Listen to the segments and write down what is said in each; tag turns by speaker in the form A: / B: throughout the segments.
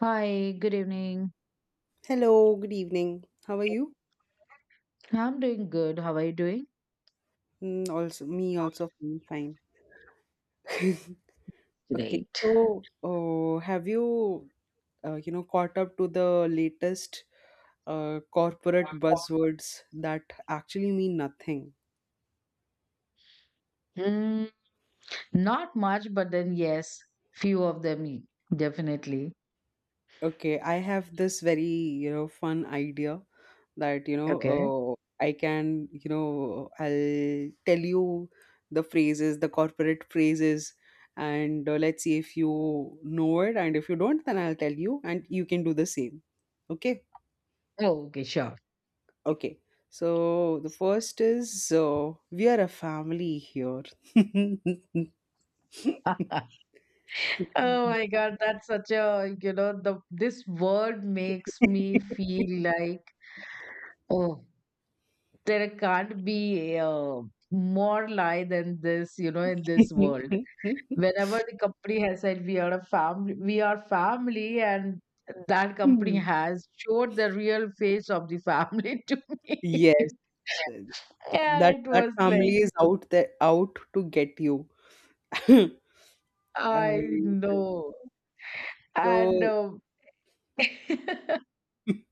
A: Hi, good evening.
B: Hello, good evening. How are you?
A: I'm doing good. How are you doing?
B: Also, me also feeling fine. Okay,
A: Great.
B: so have you, caught up to the latest corporate buzzwords that actually mean nothing?
A: Hmm, not much, but then yes, few of them, definitely.
B: Okay, I have this fun idea that
A: Okay.
B: I can I'll tell you the phrases the corporate phrases. And let's see if you know it, and if you don't, then I'll tell you and you can do the same, okay?
A: Oh, okay, sure.
B: Okay, so the first is we are a family here.
A: Oh my God, that's such a, you know, the this word makes me feel like, oh, there can't be a more lie than this, you know, in this world. Whenever the company has said we are a family, we are family, and that company has showed the real face of the family to me.
B: Yes,
A: Yeah,
B: that
A: it
B: that
A: was like,
B: family is out there, out to get you. And
A: I know.
B: so...
A: And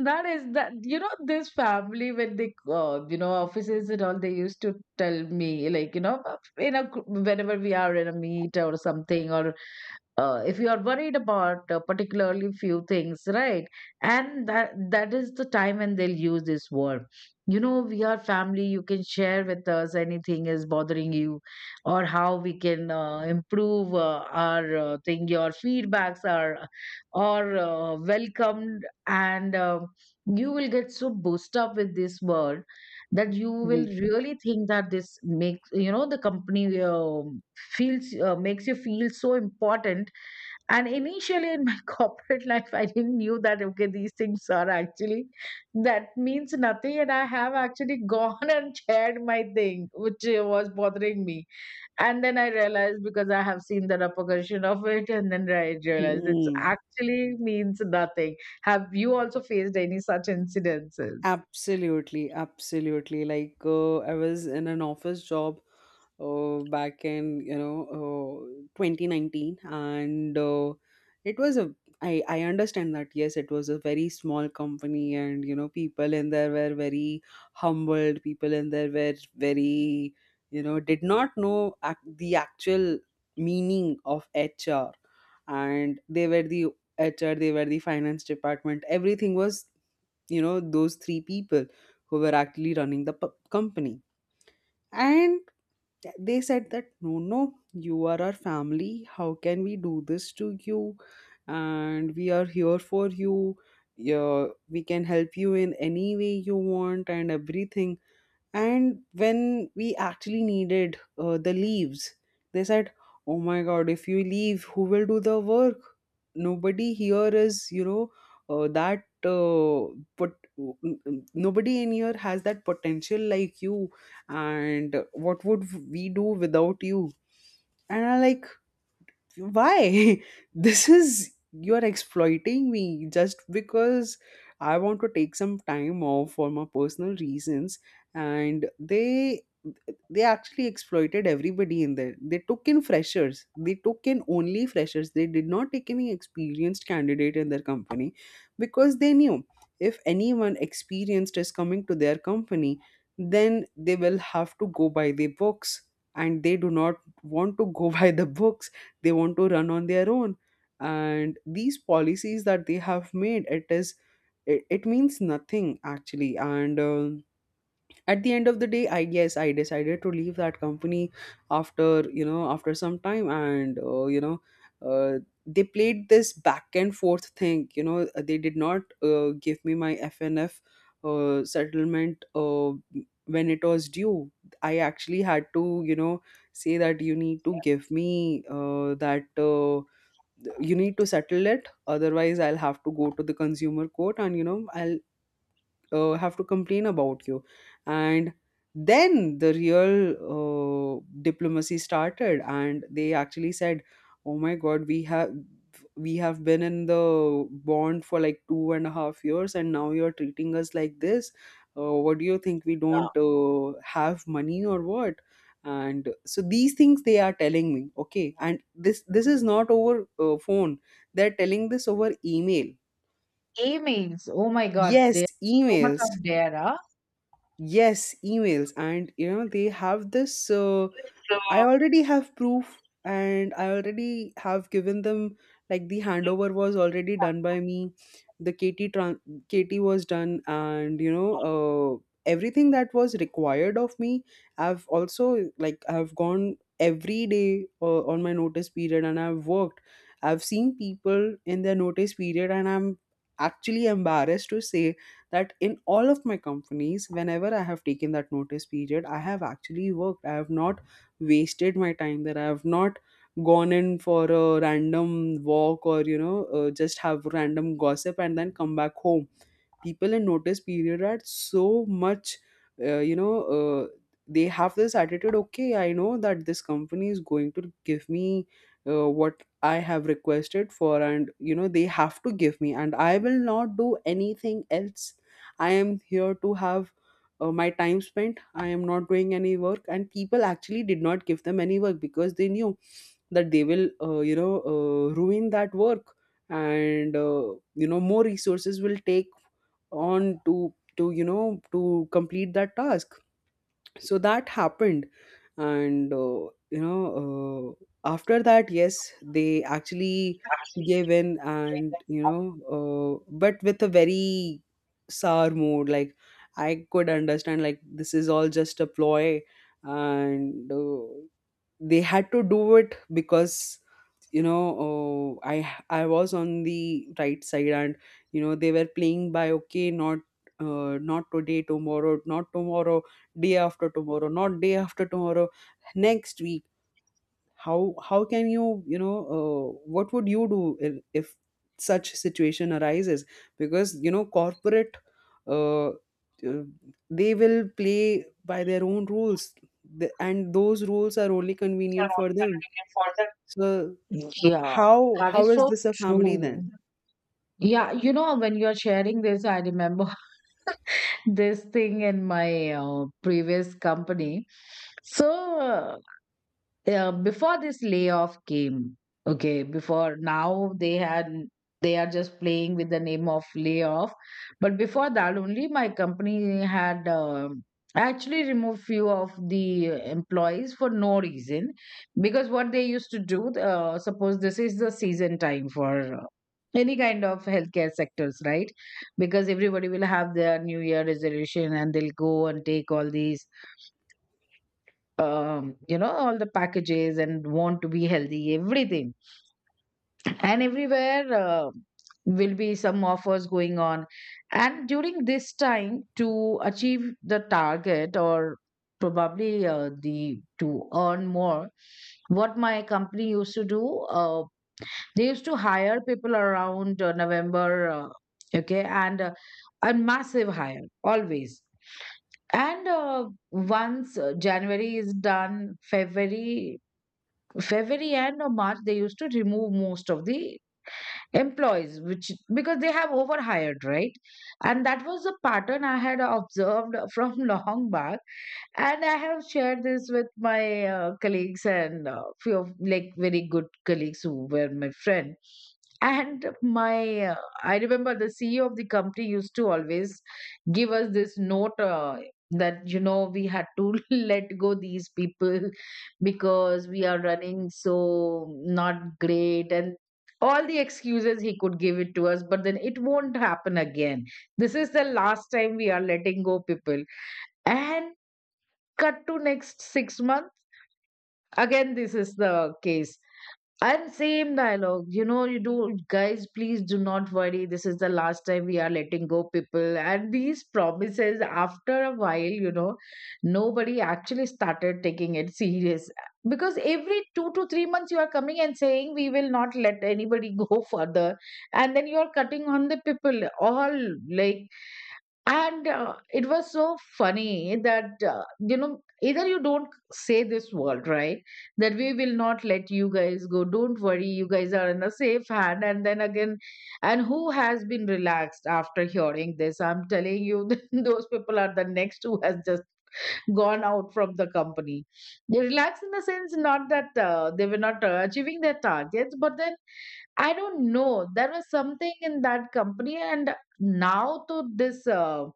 A: that is that, you know, this family when they, you know, offices and all, they used to tell me like, you know, whenever we are in a meet or something, or if you are worried about particularly few things, right? And that is the time when they'll use this word. You know, we are family, you can share with us anything is bothering you, or how we can improve our thing. Your feedbacks are welcomed, and you will get so boosted up with this word that you will
B: mhm,
A: really think that this makes, you know, the company feels, makes you feel so important. And initially in my corporate life, I didn't knew that okay, these things are actually that means nothing, and I have actually gone and shared my thing which was bothering me. And then I realized, because I have seen the repercussion of it, and then I realized it's
B: mhm.
A: actually means nothing. Have you also faced any such incidences?
B: Absolutely, absolutely. Like I was in an office job back in 2019, and it was a. I understand that, yes, it was a very small company, and you know, people in there were very humbled. People in there were very, you know, did not know the actual meaning of HR, and they were the HR, they were the finance department. Everything was, you know, those three people who were actually running the company, and they said that, no no, you are our family, how can we do this to you, and we are here for you, yeah, we can help you in any way you want and everything. And when we actually needed the leaves, they said, oh my God, if you leave, who will do the work? Nobody here is, you know, but nobody in here has that potential like you. And what would we do without you? And I, like, why this is... you're exploiting me just because I want to take some time off for my personal reasons. And they... they actually exploited everybody in there. They took in freshers, they took in only freshers. They did not take any experienced candidate in their company, because they knew if anyone experienced is coming to their company, then they will have to go by the books, and they do not want to go by the books. They want to run on their own, and these policies that they have made, it is... it means nothing actually. And at the end of the day, I guess I decided to leave that company after, you know, after some time. And you know uh, they played this back and forth thing, they did not give me my fnf settlement when it was due. I actually had to, you know, say that you need to give me that you need to settle it, otherwise I'll have to go to the consumer court, and you know, I'll have to complain about you. And then the real diplomacy started, and they actually said, oh my God, we have been in the bond for like 2.5 years, and now you're treating us like this. What do you think, we
A: Yeah.
B: don't have money or what? And so these things they are telling me, okay, and this is not over phone, they're telling this over email.
A: Emails. Oh my God,
B: Yes,
A: there so much
B: emails.
A: of there. Huh?
B: Yes, emails, and you know they have this. I
A: So,
B: already have proof, and I already have given them, like, the handover was already done by me. The KT was done, and you know, everything that was required of me. I've also, like, I've gone every day on my notice period, and I've worked. I've seen people in their notice period, and I'm actually embarrassed to say that in all of my companies, whenever I have taken that notice period, I have actually worked. I have not wasted my time there. I have not gone in for a random walk, or, you know, just have random gossip and then come back home. People in notice period are so much uh, you know uh, they have this attitude, okay, I know that this company is going to give me what I have requested for, and you know, they have to give me, and I will not do anything else. I am here to have my time spent. I am not doing any work, and people actually did not give them any work because they knew that they will, ruin that work. And you know, more resources will take on to you know, to complete that task. So that happened. And you know after that, yes, they actually gave in, and you know, but with a very sour mood, like, I could understand, like, this is all just a ploy. And they had to do it because, you know, oh, I was on the right side, and you know, they were playing by, okay, not not today, tomorrow, not tomorrow, day after tomorrow, not day after tomorrow, next week. How can you, you know, what would you do if such situation arises, because you know, corporate uh, uh, they will play by their own rules. And those rules are only
A: these are
B: convenient for
A: only
B: them.
A: convenient for the,
B: So
A: yeah,
B: how
A: that is
B: how is
A: so
B: this a family then?
A: true. Yeah, you know, when you're sharing this, I remember this thing in my previous company. So uh, Yeah, before this layoff came, okay, before, now they had, they are just playing with the name of layoff, but before that only, my company had actually removed few of the employees for no reason, because what they used to do, suppose this is the season time for any kind of healthcare sectors, right? Because everybody will have their New Year resolution and they'll go and take all these you know, all the packages and want to be healthy, everything. And everywhere will be some offers going on. And during this time, to achieve the target, or probably the to earn more, what my company used to do, they used to hire people around November, okay, and a massive hire always. And once January is done, February and March, they used to remove most of the employees, which because they have overhired, right? And that was a pattern I had observed from long back, and I have shared this with my colleagues, and few of like very good colleagues who were my friend, and my I remember the CEO of the company used to always give us this note, that you know we had to let go these people because we are running so not great, and all the excuses he could give it to us, but then it won't happen again, this is the last time we are letting go people. And cut to next 6 months, again this is the case, and same dialogue, you know, you do, guys please do not worry, this is the last time we are letting go people, and these promises. After a while, you know, nobody actually started taking it serious, because every 2 to 3 months you are coming and saying we will not let anybody go further, and then you are cutting on the people, all, like. And it was so funny that, you know, either you don't say this word, right? That we will not let you guys go, don't worry, you guys are in a safe hand. And then again, and who has been relaxed after hearing this? I'm telling you, those people are the next who has just gone out from the company. They relaxed in the sense, not that they were not achieving their targets, but then I don't know. There was something in that company, and now to this.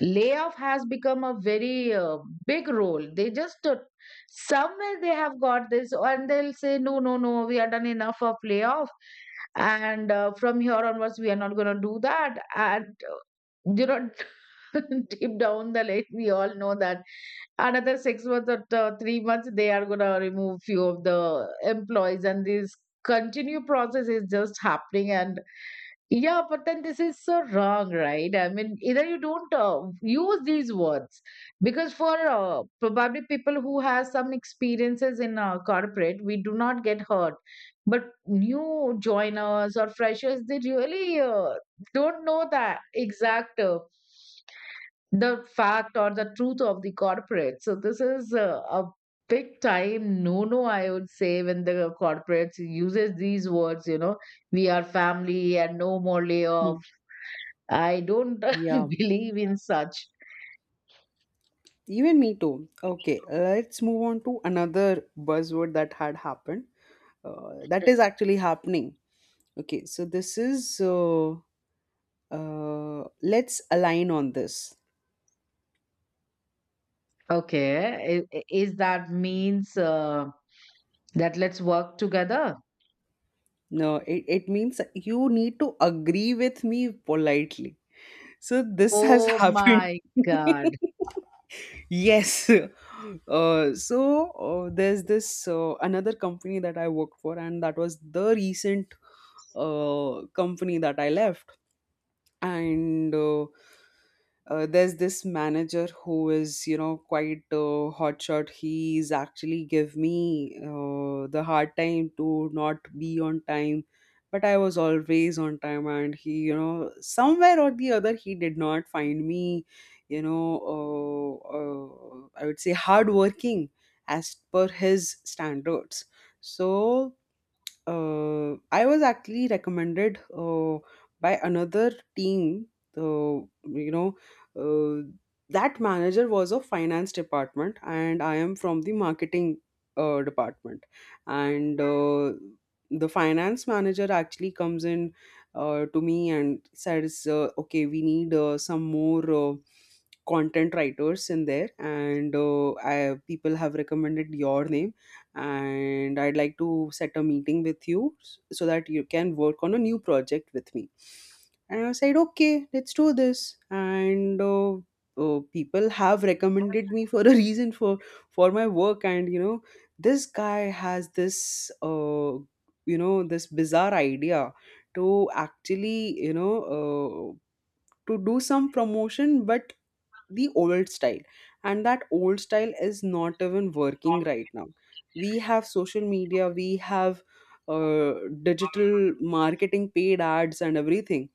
A: Layoff has become a very big role, they just somewhere they have got this and they'll say no no no, we are done, enough of layoff, and from here onwards we are not going to do that, and you know deep down the lake we all know that another 6 months or 3 months they are gonna remove few of the employees, and this continue process is just happening. And yeah, but then this is so wrong, right? I mean, either you don't use these words, because for probably people who has some experiences in corporate we do not get hurt, but new joiners or freshers they really don't know the exact the fact or the truth of the corporate. So this is a big time no no, I would say, when the corporates uses these words, you know, we are family and no more layoff.
B: Hmm.
A: I don't
B: Yeah,
A: believe in such.
B: even me too. Okay, let's move on to another buzzword that had happened. That is actually happening. Okay, so this is let's align on this.
A: Okay, is that means that let's work together?
B: No, it means you need to agree with me politely. So this has
A: Oh
B: happened.
A: my God.
B: Yes. There's this another company that I worked for, and that was the recent company that I left. And there's this manager who is, you know, quite hotshot. He's actually give me the hard time to not be on time, but I was always on time, and he, you know, somewhere or the other, he did not find me, you know, I would say hardworking as per his standards. So I was actually recommended by another team. Uh, you know, uh, that manager was of finance department, and I am from the marketing department. And the finance manager actually comes in to me and says, "Okay, we need some more." Content writers in there, and I, people have recommended your name, and I'd like to set a meeting with you so that you can work on a new project with me. And I said, okay, let's do this. And people have recommended me for a reason, for my work, and you know, this guy has this, this bizarre idea to actually, to do some promotion, but the old style, and that old style is not even working right now. We have social media, we have uh, digital marketing, paid ads and everything,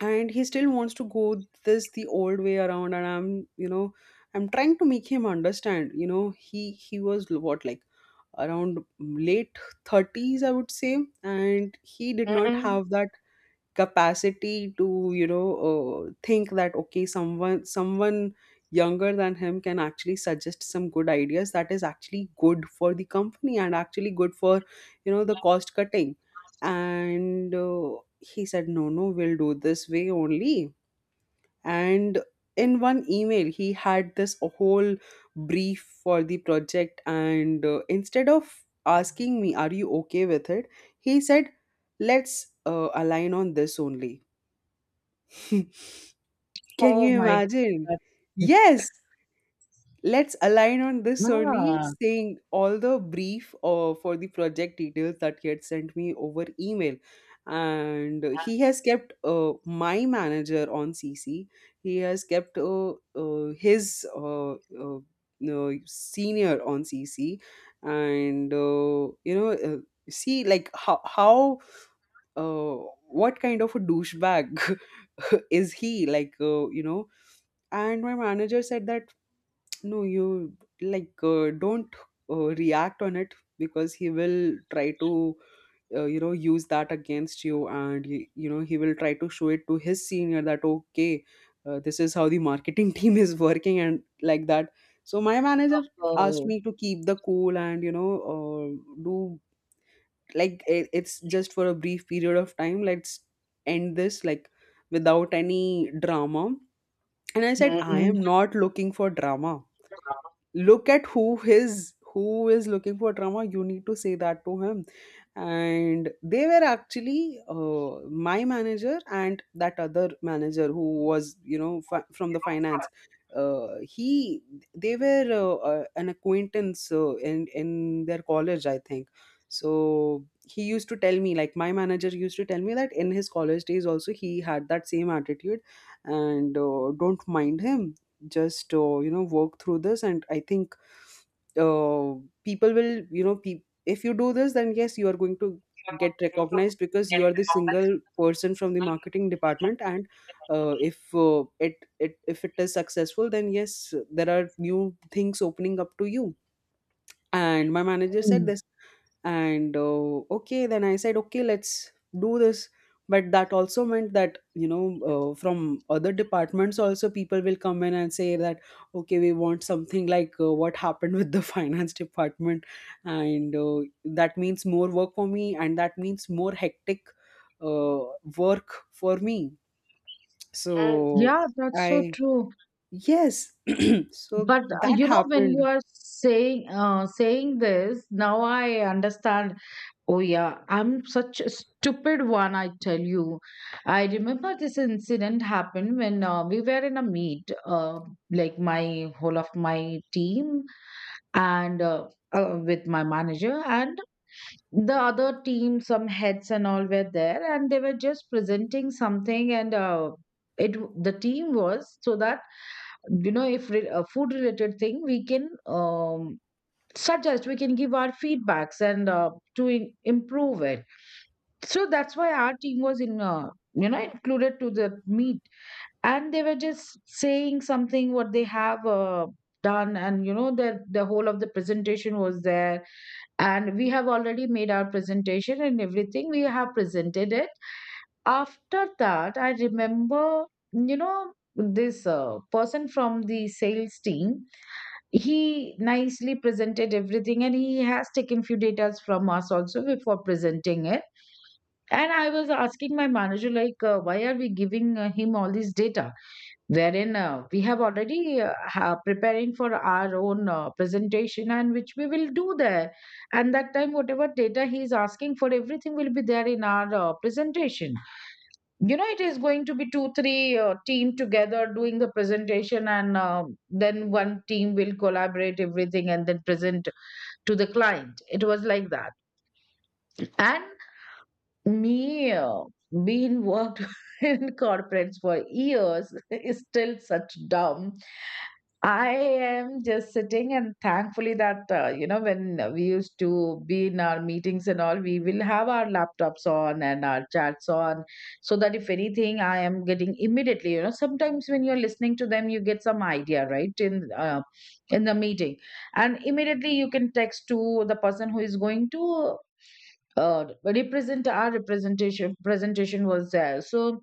B: and he still wants to go this the old way around, and I'm, you know, I'm trying to make him understand, you know, he was what, like, around late 30s, I would say. And he did not
A: Mhm.
B: have that capacity to, you know, think that, okay, someone younger than him can actually suggest some good ideas that is actually good for the company and actually good for, you know, the cost cutting. And he said no no, we'll do this way only. And in one email, he had this whole brief for the project, and instead of asking me are you okay with it, he said let's align on this only. Can
A: Oh
B: you
A: my God.
B: imagine?
A: That's—
B: Yes, let's align on this only,
A: Ah.
B: saying all the brief for the project details that he had sent me over email. And he has kept my manager on CC. He has kept his no, senior on CC. And, see, like, how uh, what kind of a douchebag is he? And my manager said that, no, you, like, don't react on it, because he will try to use that against you, and he will try to show it to his senior that, okay, this is how the marketing team is working, and like that. So my manager asked
A: Oh.
B: me to keep the cool, and do, like, it's just for a brief period of time. Let's end this, like, without any drama. And I said, I am
A: Mhm.
B: not looking for drama. Look at who is looking for drama. You need to say that to him. And they were actually, my manager and that other manager who was, from the finance. He They were an acquaintance, in their college, I think. So he used to tell me, like, my manager used to tell me that in his college days also he had that same attitude. And don't mind him. Just, work through this, and I think uh, people will, if you do this, then yes, you are going to get recognized, because you are the single person from the marketing department. And if, it, it if it is successful, then yes, there are new things opening up to you. And my manager said
A: Mm.
B: this, and okay. Then I said, okay, let's do this. But that also meant that, from other departments also, people will come in and say that, okay, we want something like, what happened with the finance department. And that means more work for me, and that means more hectic uh, work for me.
A: Have,
B: So
A: yeah, that's so
B: I,
A: true.
B: yes. So
A: But
B: that
A: you know, when you
B: happened.
A: are saying saying this, now I understand. Oh yeah, I'm such a stupid one, I tell you. I remember this incident happened when we were in a meet, like my whole of my team and with my manager and the other team, some heads and all were there, and they were just presenting something, and it the team was so that, you know, if re- a food related thing we can suggest, we can give our feedbacks, and improve it. So that's why our team was in you know included to the meet, and they were just saying something what they have done, and you know the whole of the presentation was there, and we have already made our presentation and everything, we have presented it. After that I remember, you know, this person from the sales team, he nicely presented everything, and he has taken few datas from us also before presenting it. And I was asking my manager like why are we giving him all this data, wherein we have already preparing for our own presentation, and which we will do there. And that time whatever data he is asking for, everything will be there in our presentation. You know, it is going to be 2, 3 team together doing the presentation, and then one team will collaborate everything and then present to the client, it was like that. And me being worked in corporates for years is still such dumb, I am just sitting. And thankfully that, you know, when we used to be in our meetings and all, we will have our laptops on and our chats on, so that if anything, I am getting immediately, you know, sometimes when you're listening to them, you get some idea, right, in the meeting. And immediately you can text to the person who is going to represent our representation. Presentation was there. So,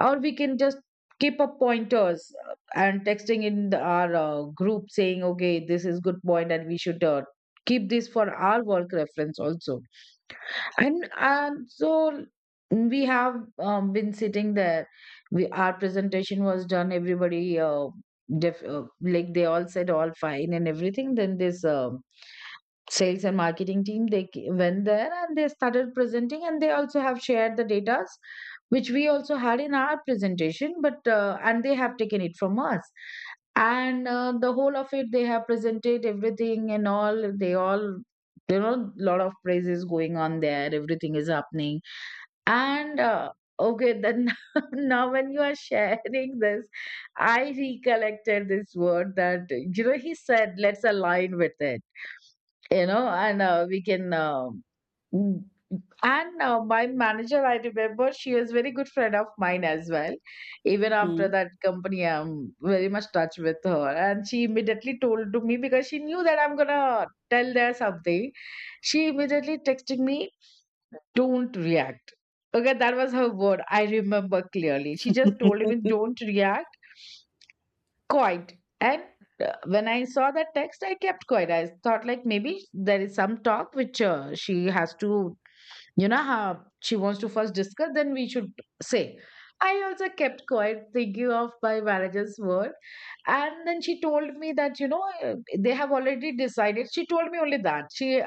A: or we can just keep up pointers and texting in the, our group, saying okay this is good point and we should keep this for our work reference also. And so we have been sitting there. We our presentation was done. Everybody, like they all said all fine and everything. Then this sales and marketing team they went there and they started presenting, and they also have shared the data which we also had in our presentation, but and they have taken it from us. And the whole of it they have presented, everything and all they all, there are a lot of praises going on there. Everything is happening. And okay, then now when you are sharing this, I recollected this word that you know he said, "Let's align with it," you know, and we can. Mm, and my manager, I remember, she is very good friend of mine as well. Even
B: Hmm.
A: after that company, I'm very much touch with her, and she immediately told to me because she knew that I'm gonna tell there something. She immediately texted me, "Don't react." Okay, that was her word. I remember clearly. She just told me, don't react, quiet. And when I saw that text, I kept quiet. I thought, like, maybe there is some talk which she has to, you know how she wants to first discuss, then we should say. I also kept quiet, thinking of my manager's word. And then she told me that, they have already decided. She told me only that.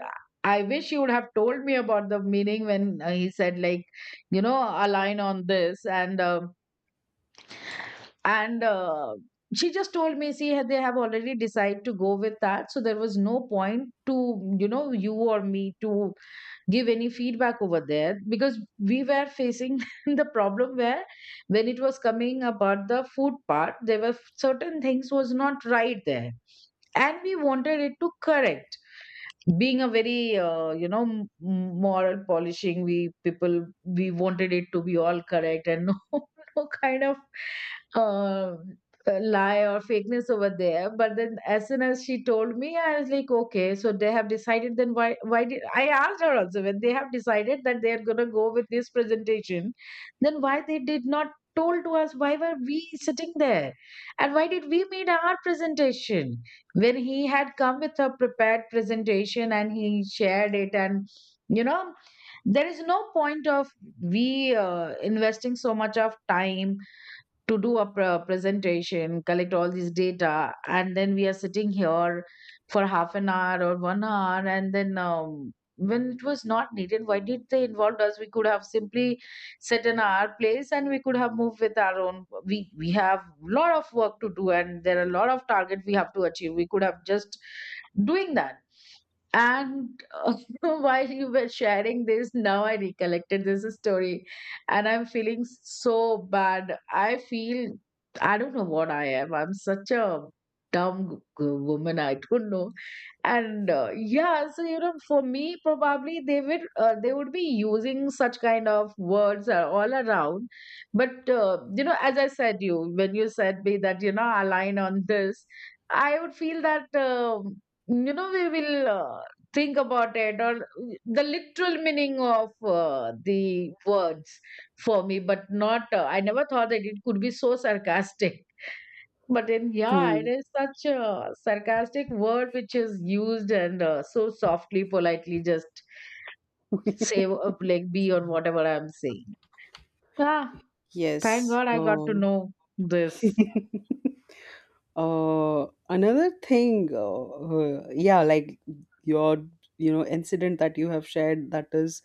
A: I wish she would have told me about the meaning when he said, like, align on this. And she just told me, see, they have already decided to go with that. So there was no point to, you or me to give any feedback over there, because we were facing the problem where, when it was coming about the food part, there were certain things was not right there, and we wanted it to correct. Being a very moral polishing, we wanted it to be all correct and no no kind of uh, lie or fakeness over there. But then, as soon as she told me, I was like, okay, so they have decided. Then why did I asked her also, when they have decided that they are going to go with this presentation, then why they did not told to us? Why were we sitting there, and why did we made our presentation, when he had come with a prepared presentation and he shared it? And you know there is no point of we investing so much of time to do a presentation, collect all this data, and then we are sitting here for half an hour or 1 hour, and then, when it was not needed, why did they involve us? We could have simply set in our place and we could have moved with our own. We have a lot of work to do, and there are a lot of target we have to achieve. We could have just doing that. And while you were sharing this, now I recollected this story, and I'm feeling so bad. I feel, I don't know what I am. I'm such a dumb woman. I don't know. And yeah, so for me, probably they would be using such kind of words all around. But as I said, you when you said me that align on this, I would feel that we will. Think about it, or the literal meaning of the words for me, but not. I never thought that it could be so sarcastic. But then, yeah, it
B: Hmm.
A: is such a sarcastic word, which is used, and so softly, politely, just say like be on whatever I'm saying. Ah, thank
B: Yes.
A: God I got to
B: Oh.
A: know this.
B: Another thing, yeah, like, your, incident that you have shared, that is,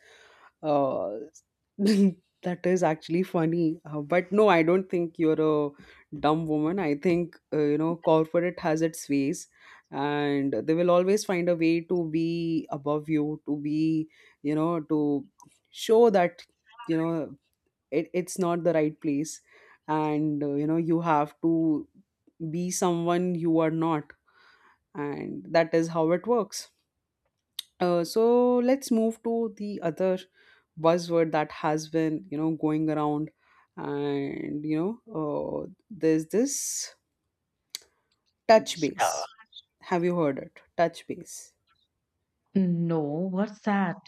B: uh, that is actually funny. But no, I don't think you're a dumb woman. I think, corporate has its ways, and they will always find a way to be above you, to be, to show that. You know it's not the right place, and you have to be someone you are not, and that is how it works. So let's move to the other buzzword that has been, going around. And there's this touch
A: Yeah.
B: base. Have you heard it? Touch base.
A: No, what's that?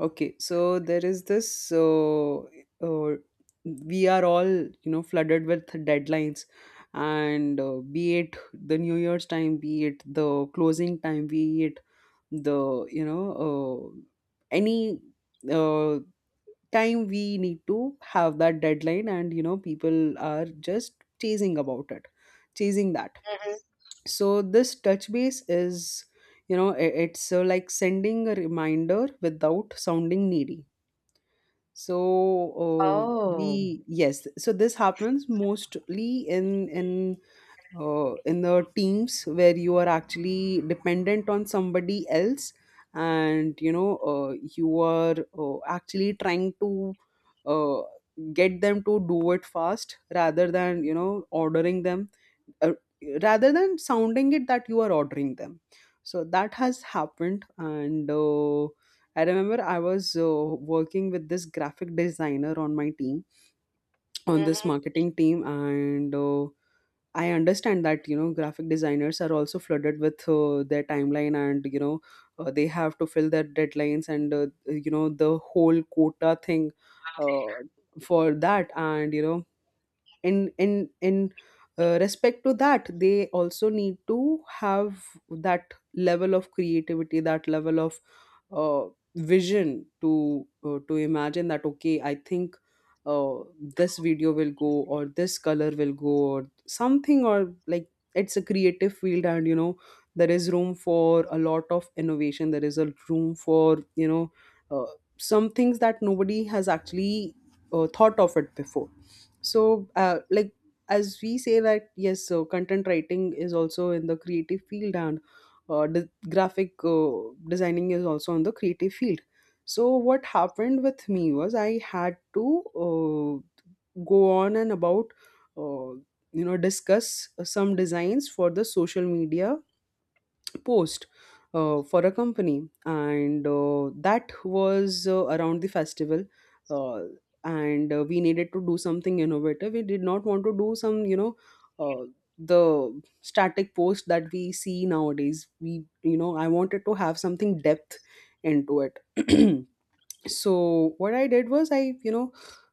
B: Okay, so there is this. So uh, we are all, flooded with deadlines, and be it the New Year's time, be it the closing time, be it the, any uh, time we need to have that deadline. And people are just chasing about it, chasing that.
A: Hmm.
B: So this touch base is, it's, like, sending a reminder without sounding needy. So
A: Oh.
B: we, yes, so this happens mostly in the teams where you are actually dependent on somebody else, and you are actually trying to uh, get them to do it fast, rather than, ordering them, uh, rather than sounding it that you are ordering them. So that has happened. And I remember I was working with this graphic designer on my team, on this
A: Hmm.
B: marketing team. And I understand that, graphic designers are also flooded with their timeline, and they have to fill their deadlines, and the whole quota thing uh, for that. And in respect to that, they also need to have that level of creativity, that level of uh, vision, to to imagine that, okay, I think uh, this video will go, or this color will go, or something, or, like, it's a creative field. And there is room for a lot of innovation. There is a room for, uh, some things that nobody has actually thought of it before. So like, as we say that, yes, so content writing is also in the creative field, and graphic designing is also in the creative field. So what happened with me was, I had to go on and about uh, discuss some designs for the social media post, for a company, and that was around the festival. Uh, and we needed to do something innovative. We did not want to do some, uh, the static post that we see nowadays. I wanted to have something depth into it. So what I did was, I,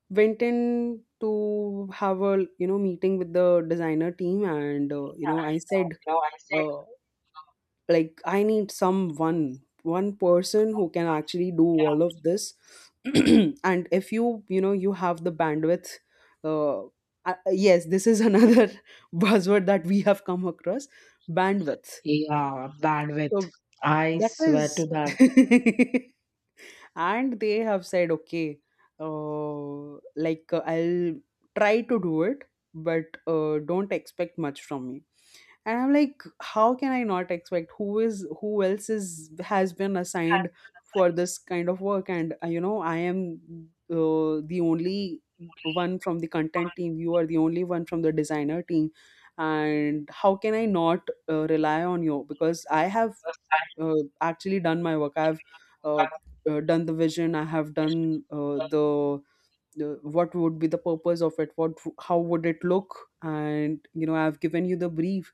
B: went in to have a, meeting with the designer team, and I said,
A: No, I said.
B: uh, like, I need someone, one person who can actually do all
A: Yeah.
B: of this. And if you have the bandwidth, uh, yes, this is another buzzword that we have come across. Bandwidth.
A: Yeah, bandwidth.
B: So
A: I
B: that
A: swear to
B: is.
A: that.
B: And they have said, okay, uh, like, I'll try to do it, but don't expect much from me. And I'm like, how can I not expect? Who else is, has been assigned for this kind of work? And I am the only one from the content team. You are the only one from the designer team. And how can I not rely on you, because I have actually done my work. I've uh, done the vision. I have done the, what would be the purpose of it, what, how would it look. And I've given you the brief.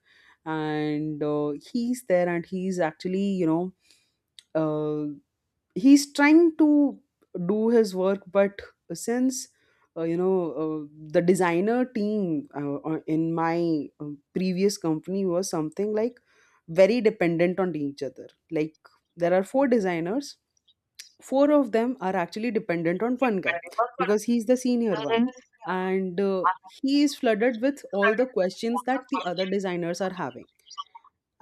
B: And he's there, and he's actually, uh, he's trying to do his work. But since uh, you know uh, the designer team, in my previous company was something like very dependent on each other. Like, there are four designers. Four of them are actually dependent on one guy, because he's the senior one. And he is flooded with all the questions that the other designers are having.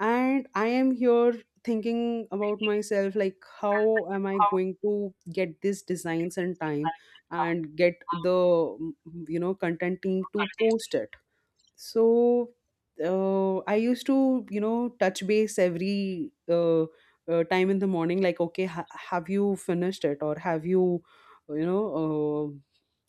B: And I am here thinking about myself, like, how am I going to get these designs in time and get the, content team to post it? So I used to, touch base every time in the morning, like, okay, have you finished it, or have you, you know,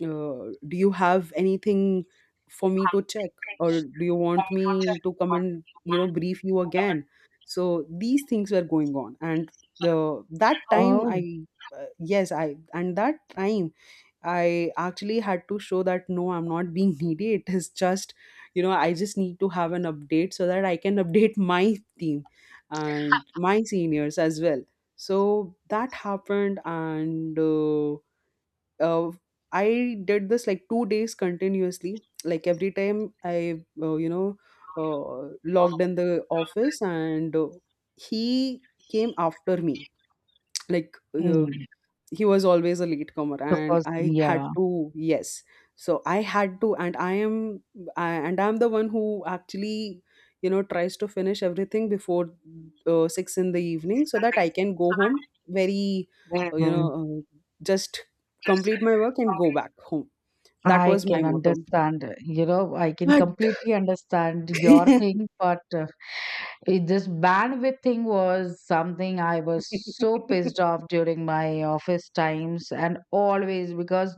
B: do you have anything for me to check, or do you want me to come and, brief you again? So these things were going on, and the that time
A: Oh.
B: I, yes, I and that time I actually had to show that no, I'm not being needy. It is just, I just need to have an update so that I can update my team and my seniors as well. So that happened, and uh, I did this like 2 days continuously. Like, every time I, logged in the office, and he came after me. Like,
A: Mm,
B: he was always a late comer,
A: the
B: and
A: person,
B: I had
A: yeah.
B: to, yes. So I had to, and I am, I, and I'm the one who actually, tries to finish everything before 6 in the evening, so that I can go home very, uh, you know
A: Mm-hmm.
B: uh, just complete my work and go back home. That
A: I
B: was my
A: can
B: motto.
A: understand, I can
B: But
A: completely understand your thing, but this bandwidth thing was something I was so pissed off during my office times, and always, because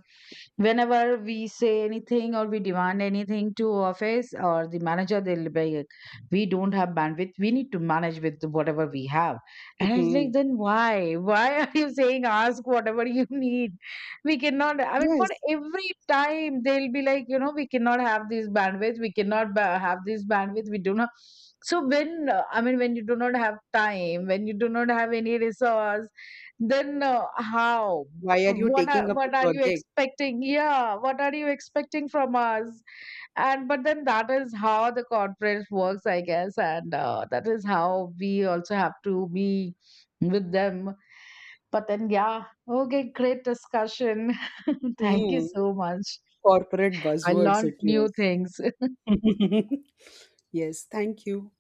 A: whenever we say anything or we demand anything to office or the manager, they'll be like, we don't have bandwidth, we need to manage with whatever we have. And I was like, then why? Why are you saying, ask whatever you need? We cannot, I mean, for
B: yes,
A: every time they'll be like, we cannot have this bandwidth, we cannot have this bandwidth, we do not. So when I mean, when you do not have time, when you do not have any resource, then, how,
B: why are you
A: what are
B: taking up the
A: what are you
B: project?
A: expecting? Yeah, what are you expecting from us? And but then, that is how the corporate works, I guess, and that is how we also have to be with them. But then, yeah, okay, great discussion. Thank you
B: Hmm,
A: so much.
B: corporate
A: I
B: buzzwords,
A: learned
B: it
A: new
B: was.
A: things.
B: Yes, thank you.